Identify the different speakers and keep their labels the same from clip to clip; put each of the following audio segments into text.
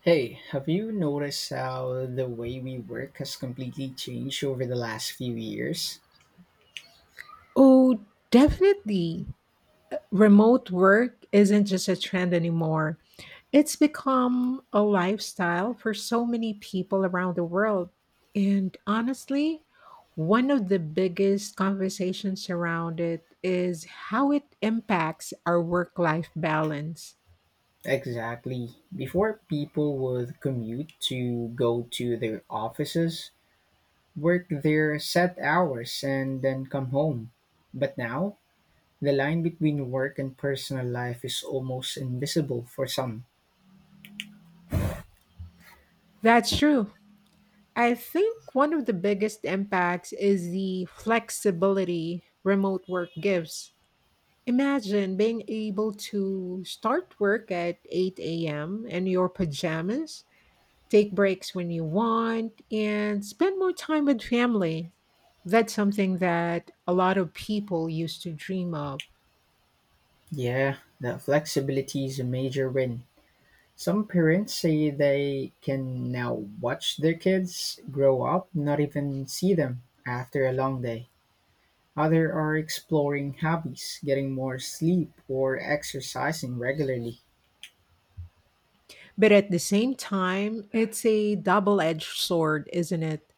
Speaker 1: Hey, have you noticed how the way we work has completely changed over the last few years?
Speaker 2: Oh, definitely. Remote work isn't just a trend anymore. It's become a lifestyle for so many people around the world. And honestly, one of the biggest conversations around it is how it impacts our work life balance.
Speaker 1: Exactly. Before people would commute to go to their offices, work their set hours, and then come home. But now, the line between work and personal life is almost invisible for some.
Speaker 2: That's true. I think one of the biggest impacts is the flexibility remote work gives. Imagine being able to start work at 8 a.m. in your pajamas, take breaks when you want, and spend more time with family. That's something that a lot of people used to dream of.
Speaker 1: Yeah, that flexibility is a major win. Some parents say they can now watch their kids grow up, not even see them after a long day. Others are exploring hobbies, getting more sleep, or exercising regularly.
Speaker 2: But at the same time, it's a double edged sword, isn't it?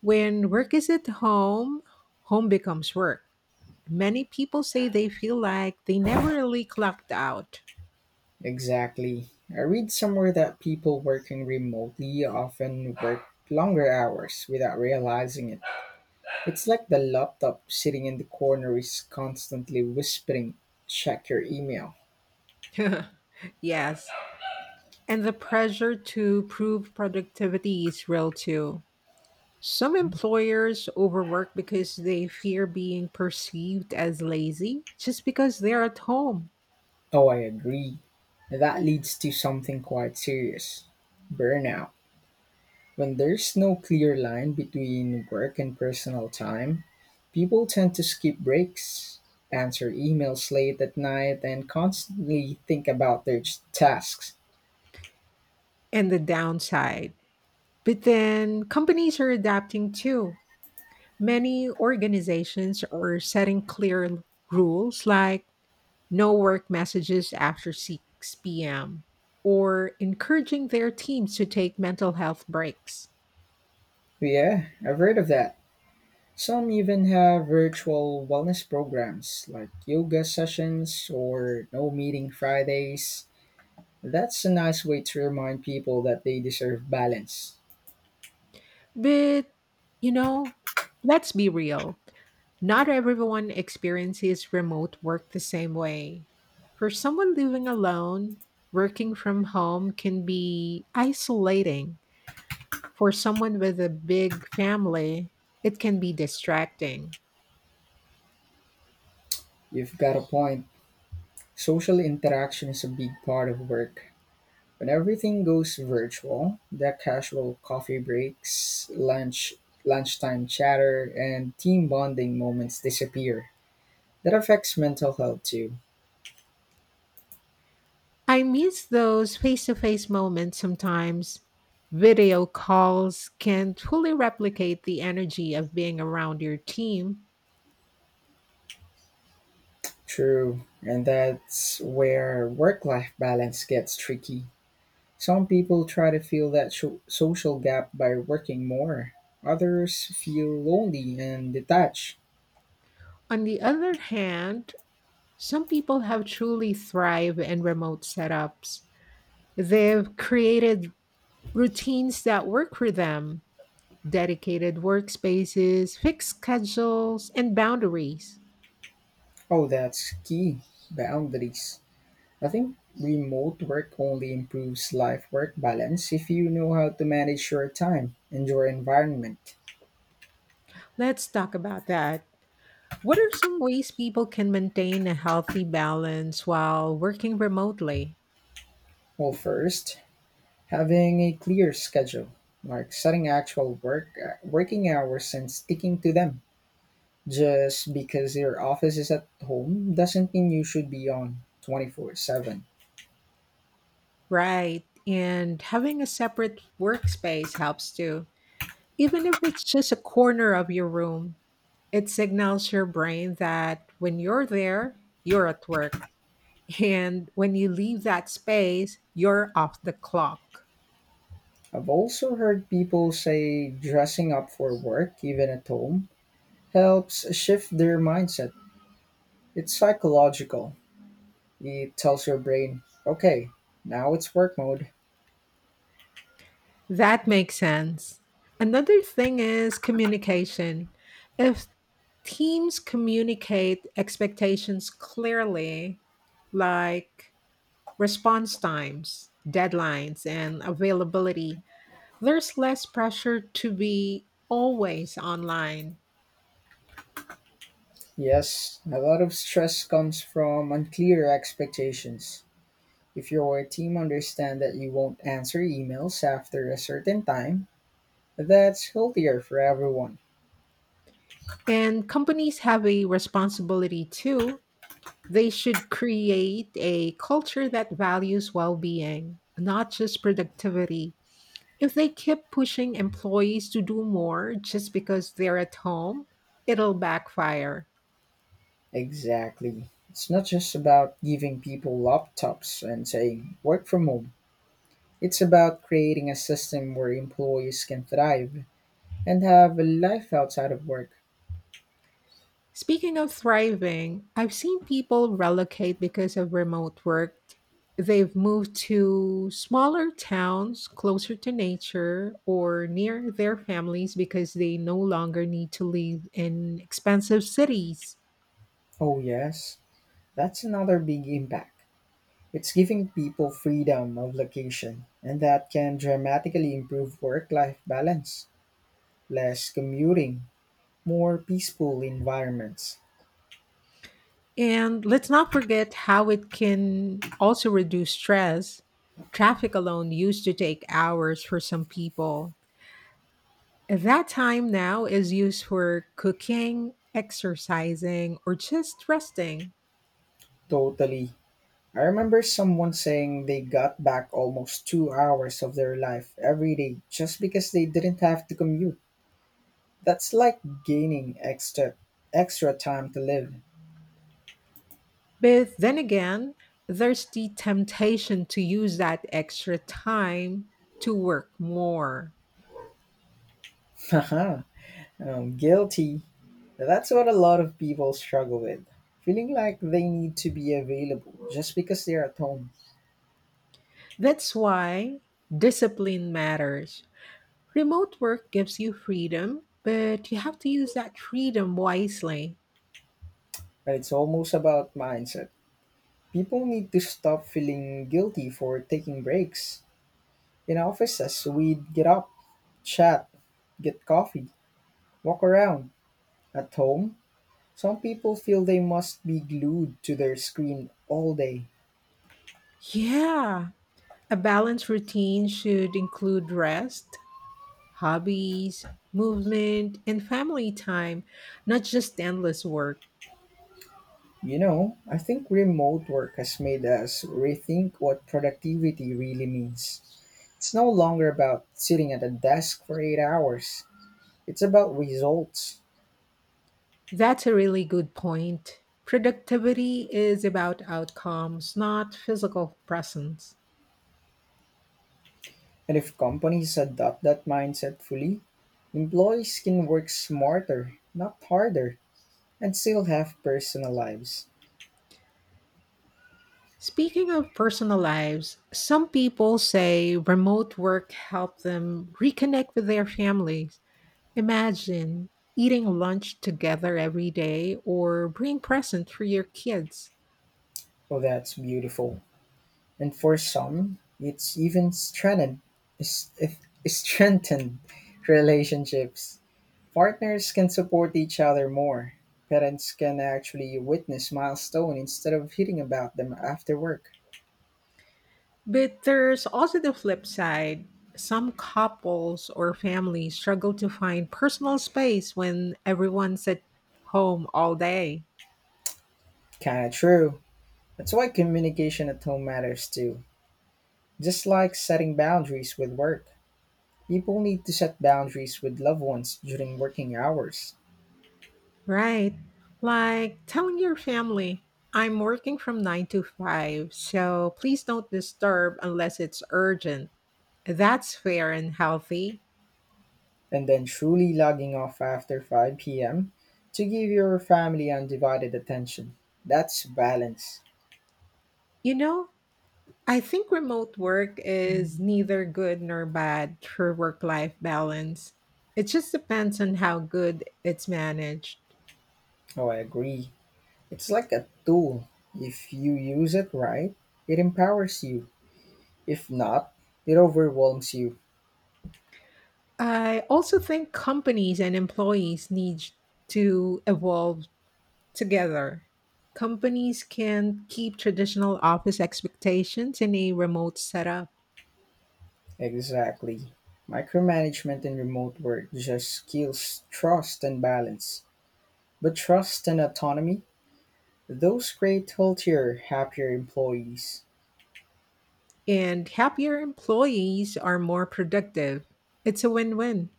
Speaker 2: When work is at home, home becomes work. Many people say they feel like they never really clocked out.
Speaker 1: Exactly. I read somewhere that people working remotely often work longer hours without realizing it. It's like the laptop sitting in the corner is constantly whispering, check your email.
Speaker 2: Yes, and the pressure to prove productivity is real too. Some employers overwork because they fear being perceived as lazy just because they're at home
Speaker 1: Oh, I agree. That leads to something quite serious burnout. When there's no clear line between work and personal time, people tend to skip breaks, answer emails late at night, and constantly think about their tasks.
Speaker 2: and the downside. But then companies are adapting too. Many organizations are setting clear rules like no work messages after 6 p.m. or encouraging their teams to take mental health breaks.
Speaker 1: Yeah, I've heard of that. Some even have virtual wellness programs like yoga sessions or no meeting Fridays. That's a nice way to remind people that they deserve balance.
Speaker 2: But, you know, let's be real. Not everyone experiences remote work the same way. For someone living alone, working from home can be isolating. For someone with a big family, it can be distracting.
Speaker 1: You've got a point. Social interaction is a big part of work. When everything goes virtual, the casual coffee breaks, lunch, lunchtime chatter, and team bonding moments disappear. That affects mental health too.
Speaker 2: I miss those face to face moments sometimes. Video calls can't fully replicate the energy of being around your team.
Speaker 1: True, and that's where work life balance gets tricky. Some people try to fill that social gap by working more, others feel lonely and detached.
Speaker 2: On the other hand, some people have truly thrived in remote setups. They've created routines that work for them, dedicated workspaces, fixed schedules, and boundaries.
Speaker 1: Oh, that's key boundaries. I think remote work only improves life work balance if you know how to manage your time and your environment.
Speaker 2: Let's talk about that. What are some ways people can maintain a healthy balance while working remotely?
Speaker 1: Well, first, having a clear schedule, like setting actual working hours and sticking to them. Just because your office is at home doesn't mean you should be on 24/7.
Speaker 2: Right, and having a separate workspace helps too. Even if it's just a corner of your room, it signals your brain that when you're there, you're at work. And when you leave that space, you're off the clock.
Speaker 1: I've also heard people say dressing up for work even at home helps shift their mindset. It's psychological. It tells your brain, okay, now it's work mode.
Speaker 2: That makes sense. Another thing is communication. If teams communicate expectations clearly, like response times, deadlines, and availability, there's less pressure to be always online.
Speaker 1: Yes, a lot of stress comes from unclear expectations. If your team understand that you won't answer emails after a certain time, that's healthier for everyone.
Speaker 2: And companies have a responsibility too. They should create a culture that values well being, not just productivity. If they keep pushing employees to do more just because they're at home, it'll backfire.
Speaker 1: Exactly. It's not just about giving people laptops and saying work from home. It's about creating a system where employees can thrive and have a life outside of work.
Speaker 2: Speaking of thriving, I've seen people relocate because of remote work. They've moved to smaller towns closer to nature or near their families because they no longer need to live in expensive cities.
Speaker 1: Oh, yes, that's another big impact. It's giving people freedom of location, and that can dramatically improve work life balance, less commuting, more peaceful environments.
Speaker 2: And let's not forget how it can also reduce stress. Traffic alone used to take hours for some people. That time now is used for cooking, exercising, or just resting.
Speaker 1: Totally. I remember someone saying they got back almost 2 hours of their life every day just because they didn't have to commute. That's like gaining extra time to live.
Speaker 2: But then again, there's the temptation to use that extra time to work more.
Speaker 1: Guilty. Now, that's what a lot of people struggle with. Feeling like they need to be available just because they're at home.
Speaker 2: That's why discipline matters. Remote work gives you freedom, but you have to use that freedom wisely.
Speaker 1: But it's almost about mindset. People need to stop feeling guilty for taking breaks. In offices, we'd get up, chat, get coffee, walk around. At home, some people feel they must be glued to their screen all day.
Speaker 2: Yeah, a balanced routine should include rest, hobbies, movement, and family time, not just endless work.
Speaker 1: You know, I think remote work has made us rethink what productivity really means. It's no longer about sitting at a desk for 8 hours, it's about results.
Speaker 2: That's a really good point. Productivity is about outcomes, not physical presence.
Speaker 1: And if companies adopt that mindset fully, employees can work smarter, not harder, and still have personal lives.
Speaker 2: Speaking of personal lives, some people say remote work helped them reconnect with their families. Imagine eating lunch together every day or bring presents for your kids.
Speaker 1: Oh, that's beautiful. And for some, it's even strengthened, is- is- strengthened relationships. Partners can support each other more. Parents can actually witness milestone instead of hearing about them after work.
Speaker 2: But there's also the flip side. Some couples or families struggle to find personal space when everyone's at home all day,
Speaker 1: Kinda true. That's why communication at home matters too. Just like setting boundaries with work. People need to set boundaries with loved ones during working hours.
Speaker 2: right? Like telling your family, I'm working from 9 to 5, so please don't disturb unless it's urgent. That's fair and healthy.
Speaker 1: And then truly logging off after 5 p.m. to give your family undivided attention. That's balance.
Speaker 2: You know, I think remote work is neither good nor bad for work life balance. It just depends on how good it's managed.
Speaker 1: Oh, I agree. It's like a tool. If you use it right, it empowers you. If not, it overwhelms you.
Speaker 2: I also think companies and employees need to evolve together. Companies can keep traditional office expectations in a remote setup,
Speaker 1: Exactly. Micromanagement in remote work just kills trust and balance. But trust and autonomy, those create healthier, happier employees.
Speaker 2: and happier employees are more productive. It's a win win.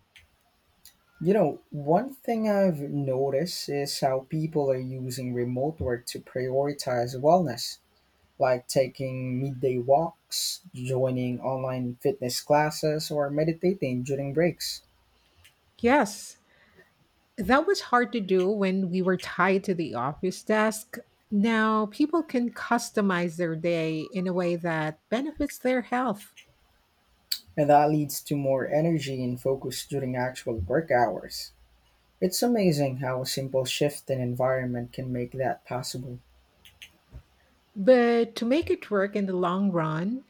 Speaker 1: You know, one thing I've noticed is how people are using remote work to prioritize wellness, like taking midday walks, joining online fitness classes, or meditating during breaks.
Speaker 2: Yes, that was hard to do when we were tied to the office desk. Now people can customize their day in a way that benefits their health.
Speaker 1: And that leads to more energy and focus during actual work hours. It's amazing how a simple shift in environment can make that possible.
Speaker 2: But to make it work in the long run,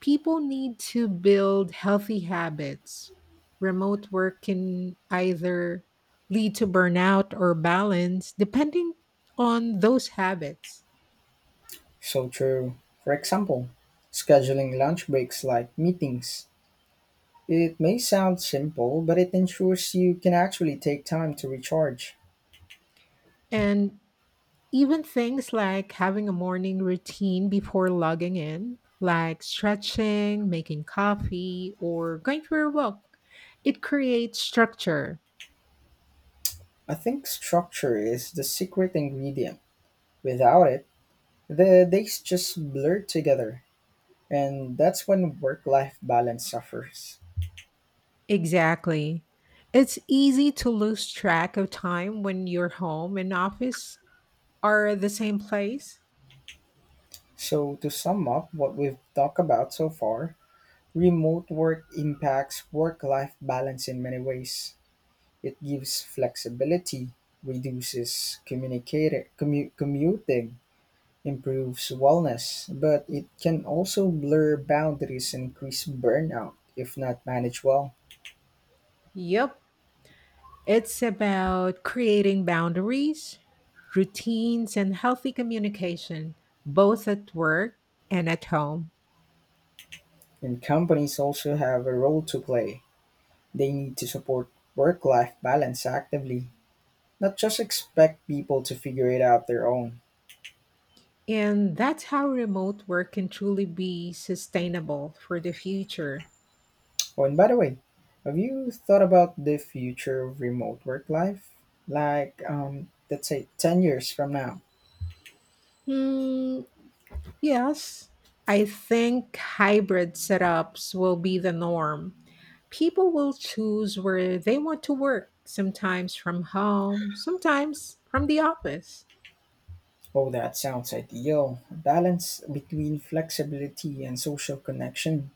Speaker 2: people need to build healthy habits. Remote work can either lead to burnout or balance, depending on those habits.
Speaker 1: So true. For example, scheduling lunch breaks like meetings. It may sound simple, but it ensures you can actually take time to recharge.
Speaker 2: And even things like having a morning routine before logging in, like stretching, making coffee, or going for a walk, it creates structure.
Speaker 1: I think structure is the secret ingredient. Without it, the days just blur together, and that's when work life balance suffers.
Speaker 2: Exactly. It's easy to lose track of time when your home and office are the same place.
Speaker 1: So, to sum up what we've talked about so far, remote work impacts work life balance in many ways. It gives flexibility, reduces commuting, improves wellness, but it can also blur boundaries and increase burnout if not managed well.
Speaker 2: Yep. It's about creating boundaries, routines, and healthy communication, both at work and at home.
Speaker 1: And companies also have a role to play. They need to support work life balance actively, not just expect people to figure it out their own.
Speaker 2: And that's how remote work can truly be sustainable for the future.
Speaker 1: Oh, and by the way, have you thought about the future of remote work life? Like, let's say 10 years from now.
Speaker 2: Hmm, yes, I think hybrid setups will be the norm. People will choose where they want to work, sometimes from home, sometimes from the office.
Speaker 1: Oh, that sounds ideal. A balance between flexibility and social connection.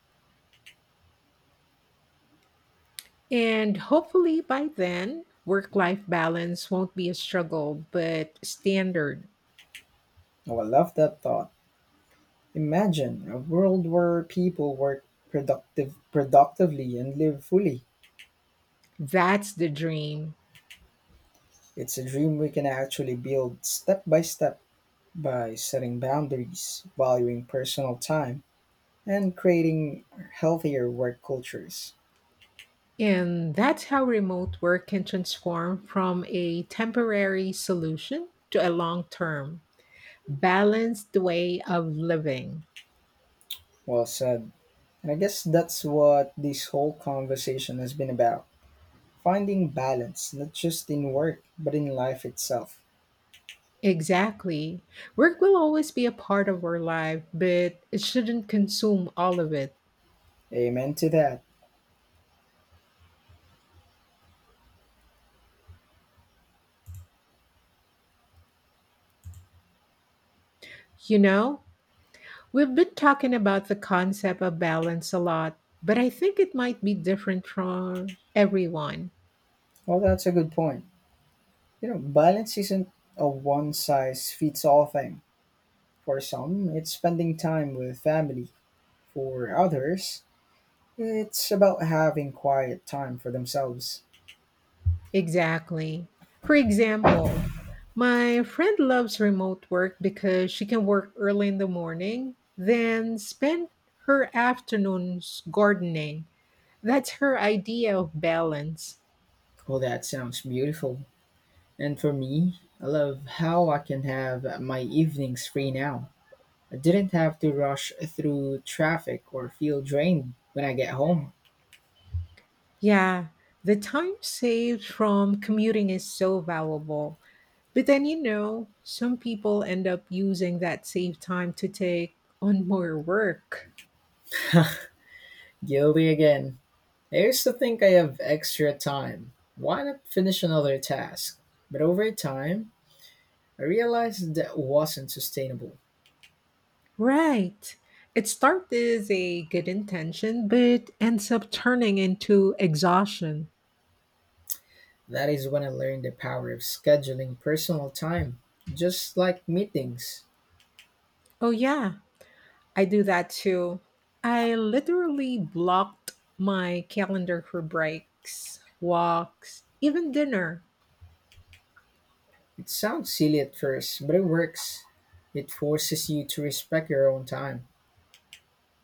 Speaker 2: And hopefully by then, work life balance won't be a struggle, but standard.
Speaker 1: Oh, I love that thought. Imagine a world where people work productively and live fully.
Speaker 2: That's the dream.
Speaker 1: It's a dream we can actually build step by step, by setting boundaries, valuing personal time, and creating healthier work cultures.
Speaker 2: And that's how remote work can transform from a temporary solution to a long term, balanced way of living.
Speaker 1: Well said. And I guess that's what this whole conversation has been about finding balance, not just in work, but in life itself.
Speaker 2: Exactly. Work will always be a part of our life, but it shouldn't consume all of it.
Speaker 1: Amen to that.
Speaker 2: You know, we've been talking about the concept of balance a lot, but I think it might be different for everyone.
Speaker 1: Well, that's a good point. You know, balance isn't a one size fits all thing. For some, it's spending time with family. For others, it's about having quiet time for themselves.
Speaker 2: Exactly. For example, my friend loves remote work because she can work early in the morning, then spend her afternoons gardening. That's her idea of balance.
Speaker 1: Well, that sounds beautiful. And for me, I love how I can have my evenings free now. I didn't have to rush through traffic or feel drained when I get home.
Speaker 2: Yeah, the time saved from commuting is so valuable. But then, you know, some people end up using that saved time to take on more work.
Speaker 1: Guilty again. I used to think I have extra time. Why not finish another task? But over time, I realized that wasn't sustainable.
Speaker 2: Right. It starts as a good intention, but ends up turning into exhaustion.
Speaker 1: That is when I learned the power of scheduling personal time, just like meetings.
Speaker 2: Oh, yeah, I do that too. I literally blocked my calendar for breaks, walks, even dinner.
Speaker 1: It sounds silly at first, but it works. It forces you to respect your own time.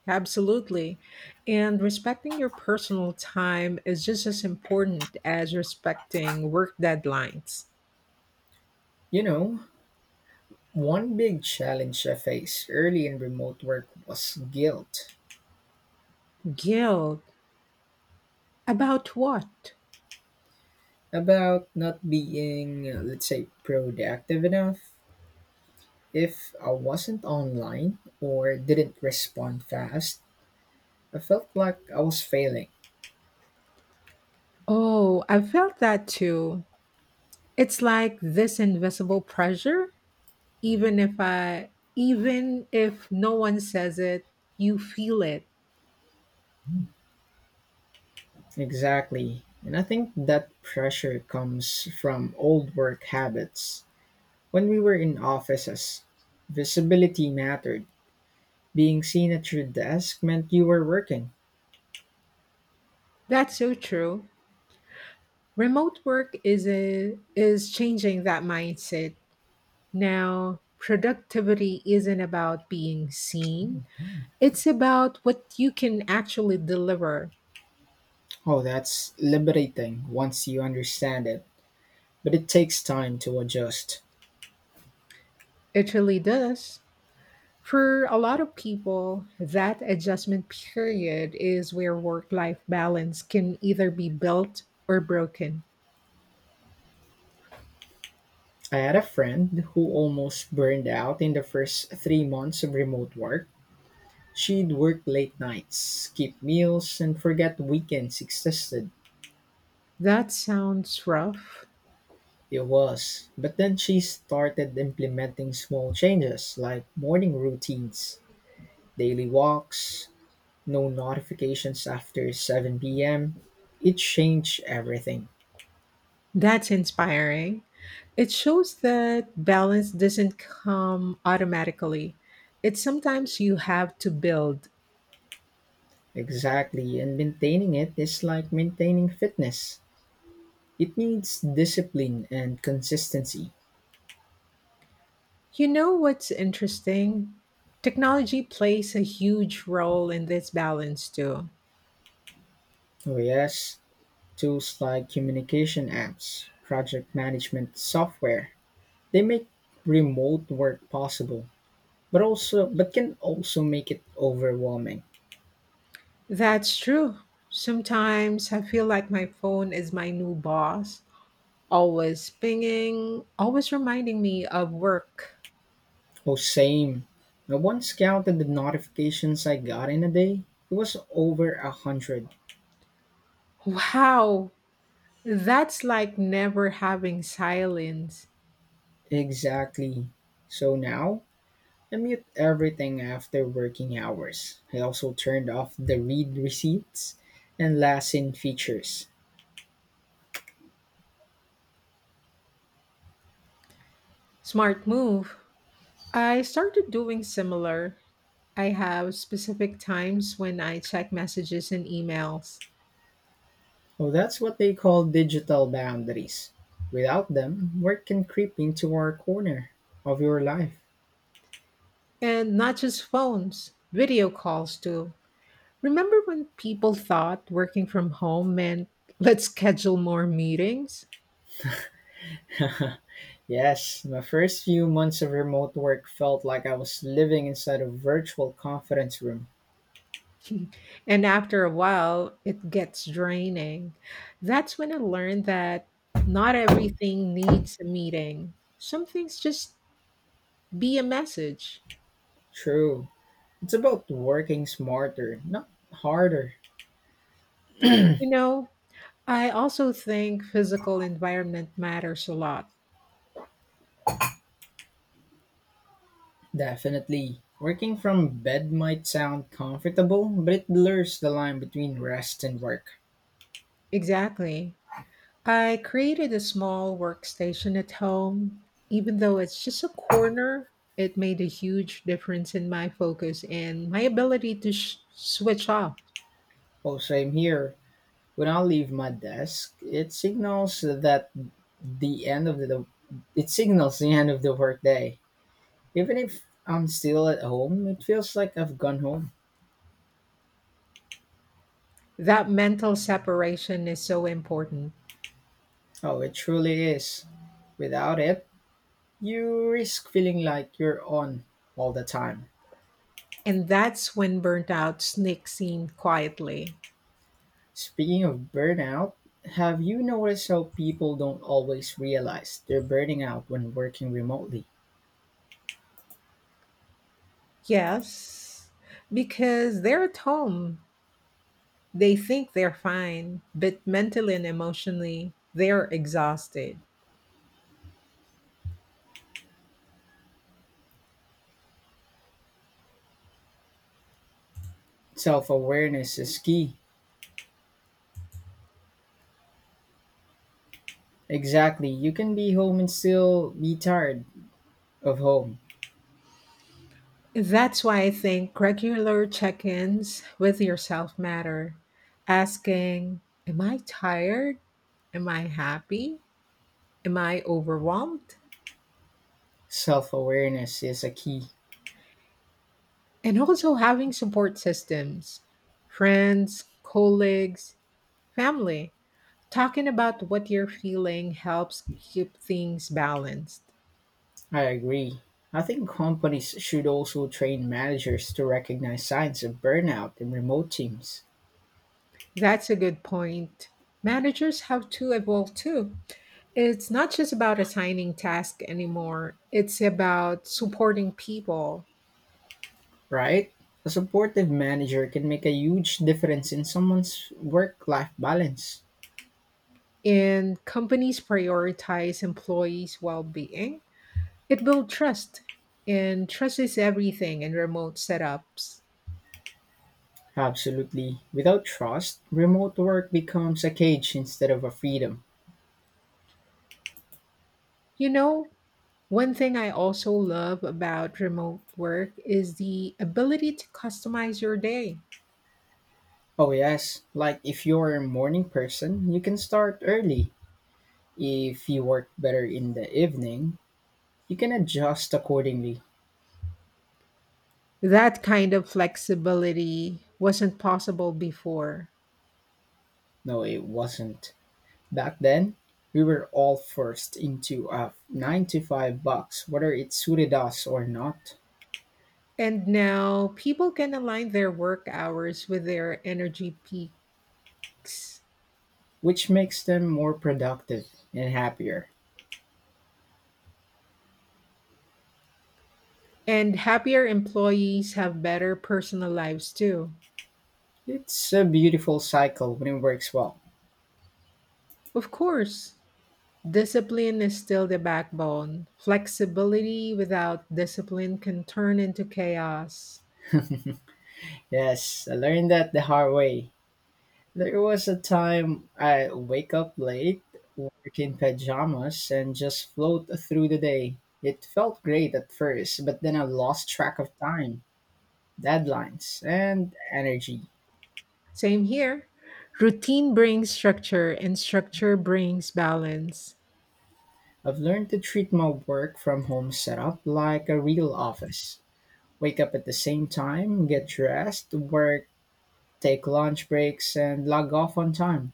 Speaker 2: Absolutely. And respecting your personal time is just as important as respecting work deadlines.
Speaker 1: You know, one big challenge I faced early in remote work was guilt
Speaker 2: Guilt. About what?
Speaker 1: about not being, let's say, productive enough. If I wasn't online or didn't respond fast, I felt like I was failing.
Speaker 2: Oh, I felt that too. It's like this invisible pressure even if I even if no one says it, you feel it.
Speaker 1: Exactly. And I think that pressure comes from old work habits. When we were in offices, visibility mattered. Being seen at your desk meant you were working.
Speaker 2: That's so true. Remote work is changing that mindset. Now, productivity isn't about being seen. It's about what you can actually deliver.
Speaker 1: Oh, that's liberating once you understand it, but it takes time to adjust.
Speaker 2: It really does. For a lot of people, that adjustment period is where work life balance can either be built or broken.
Speaker 1: I had a friend who almost burned out in the first 3 months of remote work. She'd work late nights, skip meals, and forget weekends existed.
Speaker 2: That sounds rough.
Speaker 1: It was. But then she started implementing small changes like morning routines, daily walks, no notifications after 7 p.m. It changed everything.
Speaker 2: That's inspiring. It shows that balance doesn't come automatically. It's sometimes you have to build.
Speaker 1: Exactly. And maintaining it is like maintaining fitness. It needs discipline and consistency.
Speaker 2: You know what's interesting? Technology plays a huge role in this balance too.
Speaker 1: Oh, yes. Tools like communication apps, project management software, they make remote work possible, but also but can also make it overwhelming.
Speaker 2: That's true. Sometimes I feel like my phone is my new boss, always pinging, always reminding me of work.
Speaker 1: Oh, same. I once counted the notifications I got in a day. It was over 100.
Speaker 2: Wow, that's like never having silence.
Speaker 1: Exactly. So now I mute everything after working hours. I also turned off the read receipts and last in features.
Speaker 2: Smart move. I started doing similar. I have specific times when I check messages and emails,
Speaker 1: Oh, that's what they call digital boundaries. Without them, work can creep into our corner of your life.
Speaker 2: and not just phones, video calls too. Remember when people thought working from home meant let's schedule more meetings?
Speaker 1: yes, my first few months of remote work felt like I was living inside a virtual conference room.
Speaker 2: And after a while, it gets draining. That's when I learned that not everything needs a meeting. Some things just be a message.
Speaker 1: True. It's about working smarter, not harder.
Speaker 2: You know, I also think physical environment matters a lot.
Speaker 1: Definitely. Working from bed might sound comfortable, but it blurs the line between rest and work.
Speaker 2: Exactly. I created a small workstation at home. Even though it's just a corner, it made a huge difference in my focus and my ability to switch off.
Speaker 1: Also, I'm here. When I leave my desk, it signals that the end of the it signals the end of the workday. Even if I'm still at home, it feels like I've gone home.
Speaker 2: That mental separation is so important.
Speaker 1: Oh, it truly is. Without it, you risk feeling like you're on all the time.
Speaker 2: And that's when burnout sneaks in quietly.
Speaker 1: Speaking of burnout, have you noticed how people don't always realize they're burning out when working remotely?
Speaker 2: Yes, because they're at home. They think they're fine, but mentally and emotionally, they're exhausted.
Speaker 1: Self awareness is key. Exactly. You can be home and still be tired of home.
Speaker 2: That's why I think regular check ins with yourself matter. Asking, am I tired? Am I happy? Am I overwhelmed?
Speaker 1: Self awareness is a key.
Speaker 2: And also having support systems, friends, colleagues, family. Talking about what you're feeling helps keep things balanced.
Speaker 1: I agree. I think companies should also train managers to recognize signs of burnout in remote teams,
Speaker 2: That's a good point. Managers have to evolve too. It's not just about assigning tasks anymore, it's about supporting people.
Speaker 1: right? A supportive manager can make a huge difference in someone's work life balance.
Speaker 2: And companies prioritize employees' well being. It builds trust, and trust is everything in remote setups.
Speaker 1: Absolutely. Without trust, remote work becomes a cage instead of a freedom.
Speaker 2: You know, one thing I also love about remote work is the ability to customize your day.
Speaker 1: Oh, yes. Like if you're a morning person, you can start early. If you work better in the evening, you can adjust accordingly.
Speaker 2: That kind of flexibility wasn't possible before.
Speaker 1: No, it wasn't. Back then, we were all forced into a 9 to 5 box, whether it suited us or not,
Speaker 2: And now people can align their work hours with their energy peaks.
Speaker 1: which makes them more productive and happier.
Speaker 2: And happier employees have better personal lives too.
Speaker 1: It's a beautiful cycle when it works well.
Speaker 2: Of course, discipline is still the backbone. Flexibility without discipline can turn into chaos.
Speaker 1: Yes, I learned that the hard way. There was a time I wake up late, work in pajamas, and just float through the day. It felt great at first, but then I lost track of time, deadlines, and energy.
Speaker 2: Same here. Routine brings structure, and structure brings balance.
Speaker 1: I've learned to treat my work from home setup like a real office. Wake up at the same time, get dressed, work, take lunch breaks, and log off on time.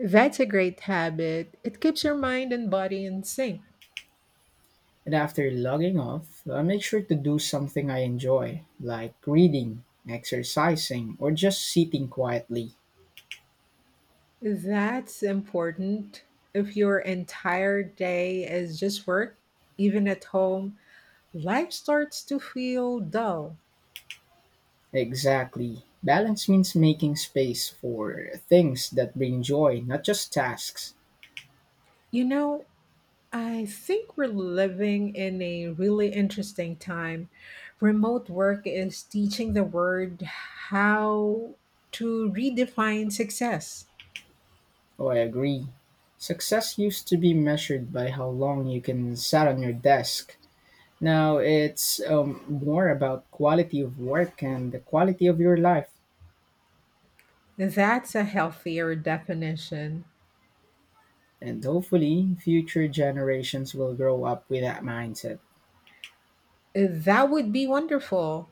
Speaker 2: That's a great habit. It keeps your mind and body in sync.
Speaker 1: And after logging off, I make sure to do something I enjoy, like reading, exercising, or just sitting quietly.
Speaker 2: That's important. If your entire day is just work, even at home, life starts to feel dull.
Speaker 1: Exactly. Balance means making space for things that bring joy, not just tasks.
Speaker 2: You know, I think we're living in a really interesting time. Remote work is teaching the world how to redefine success.
Speaker 1: Oh, I agree. Success used to be measured by how long you can sat on your desk. Now it's more about quality of work and the quality of your life.
Speaker 2: That's a healthier definition.
Speaker 1: And hopefully, future generations will grow up with that mindset.
Speaker 2: That would be wonderful.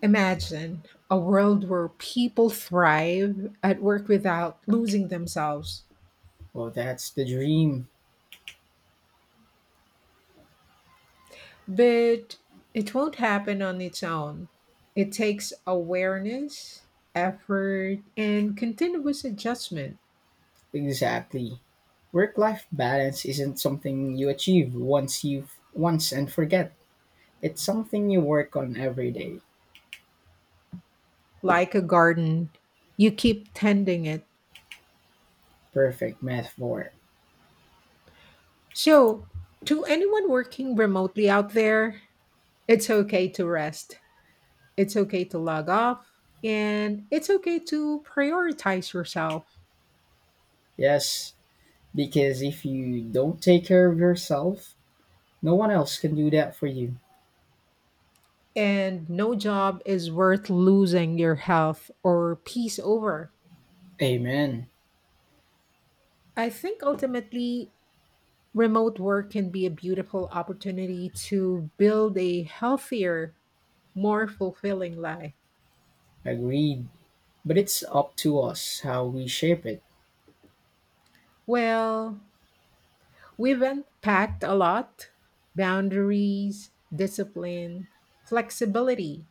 Speaker 2: Imagine a world where people thrive at work without losing themselves.
Speaker 1: Well, that's the dream.
Speaker 2: But it won't happen on its own. It takes awareness, effort, and continuous adjustment.
Speaker 1: Exactly. Work-life balance isn't something you achieve once you once and forget. It's something you work on every day.
Speaker 2: Like a garden, you keep tending it.
Speaker 1: Perfect metaphor.
Speaker 2: So, to anyone working remotely out there, it's okay to rest, it's okay to log off, and it's okay to prioritize yourself.
Speaker 1: Yes, because if you don't take care of yourself, no one else can do that for you.
Speaker 2: And no job is worth losing your health or peace over.
Speaker 1: Amen.
Speaker 2: I think ultimately, remote work can be a beautiful opportunity to build a healthier, more fulfilling life.
Speaker 1: Agreed. But it's up to us how we shape it.
Speaker 2: Well, we've unpacked a lot: boundaries, discipline, flexibility,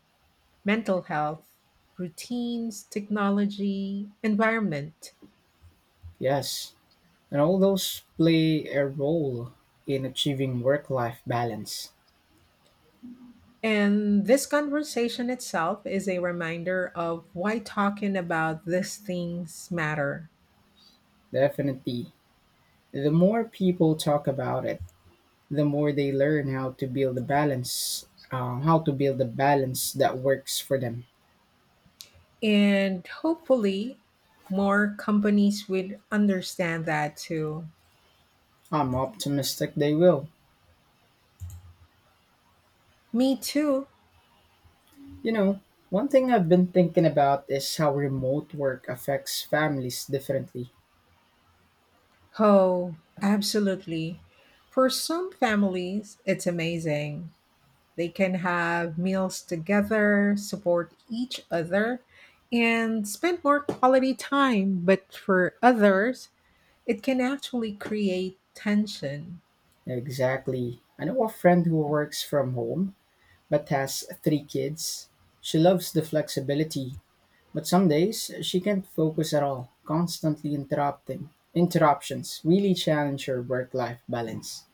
Speaker 2: mental health, routines, technology, environment.
Speaker 1: Yes. And all those play a role in achieving work life balance.
Speaker 2: And this conversation itself is a reminder of why talking about these things matter.
Speaker 1: Definitely. The more people talk about it, the more they learn how to build a balance that works for them.
Speaker 2: And hopefully more companies would understand that too.
Speaker 1: I'm optimistic they will.
Speaker 2: Me too.
Speaker 1: You know, one thing I've been thinking about is how remote work affects families differently.
Speaker 2: Oh, absolutely. For some families, it's amazing. They can have meals together, support each other, and spend more quality time. But for others, it can actually create tension.
Speaker 1: Exactly. I know a friend who works from home but has three kids. She loves the flexibility, but some days she can't focus at all, constantly interrupting. Interruptions really challenge her work life balance.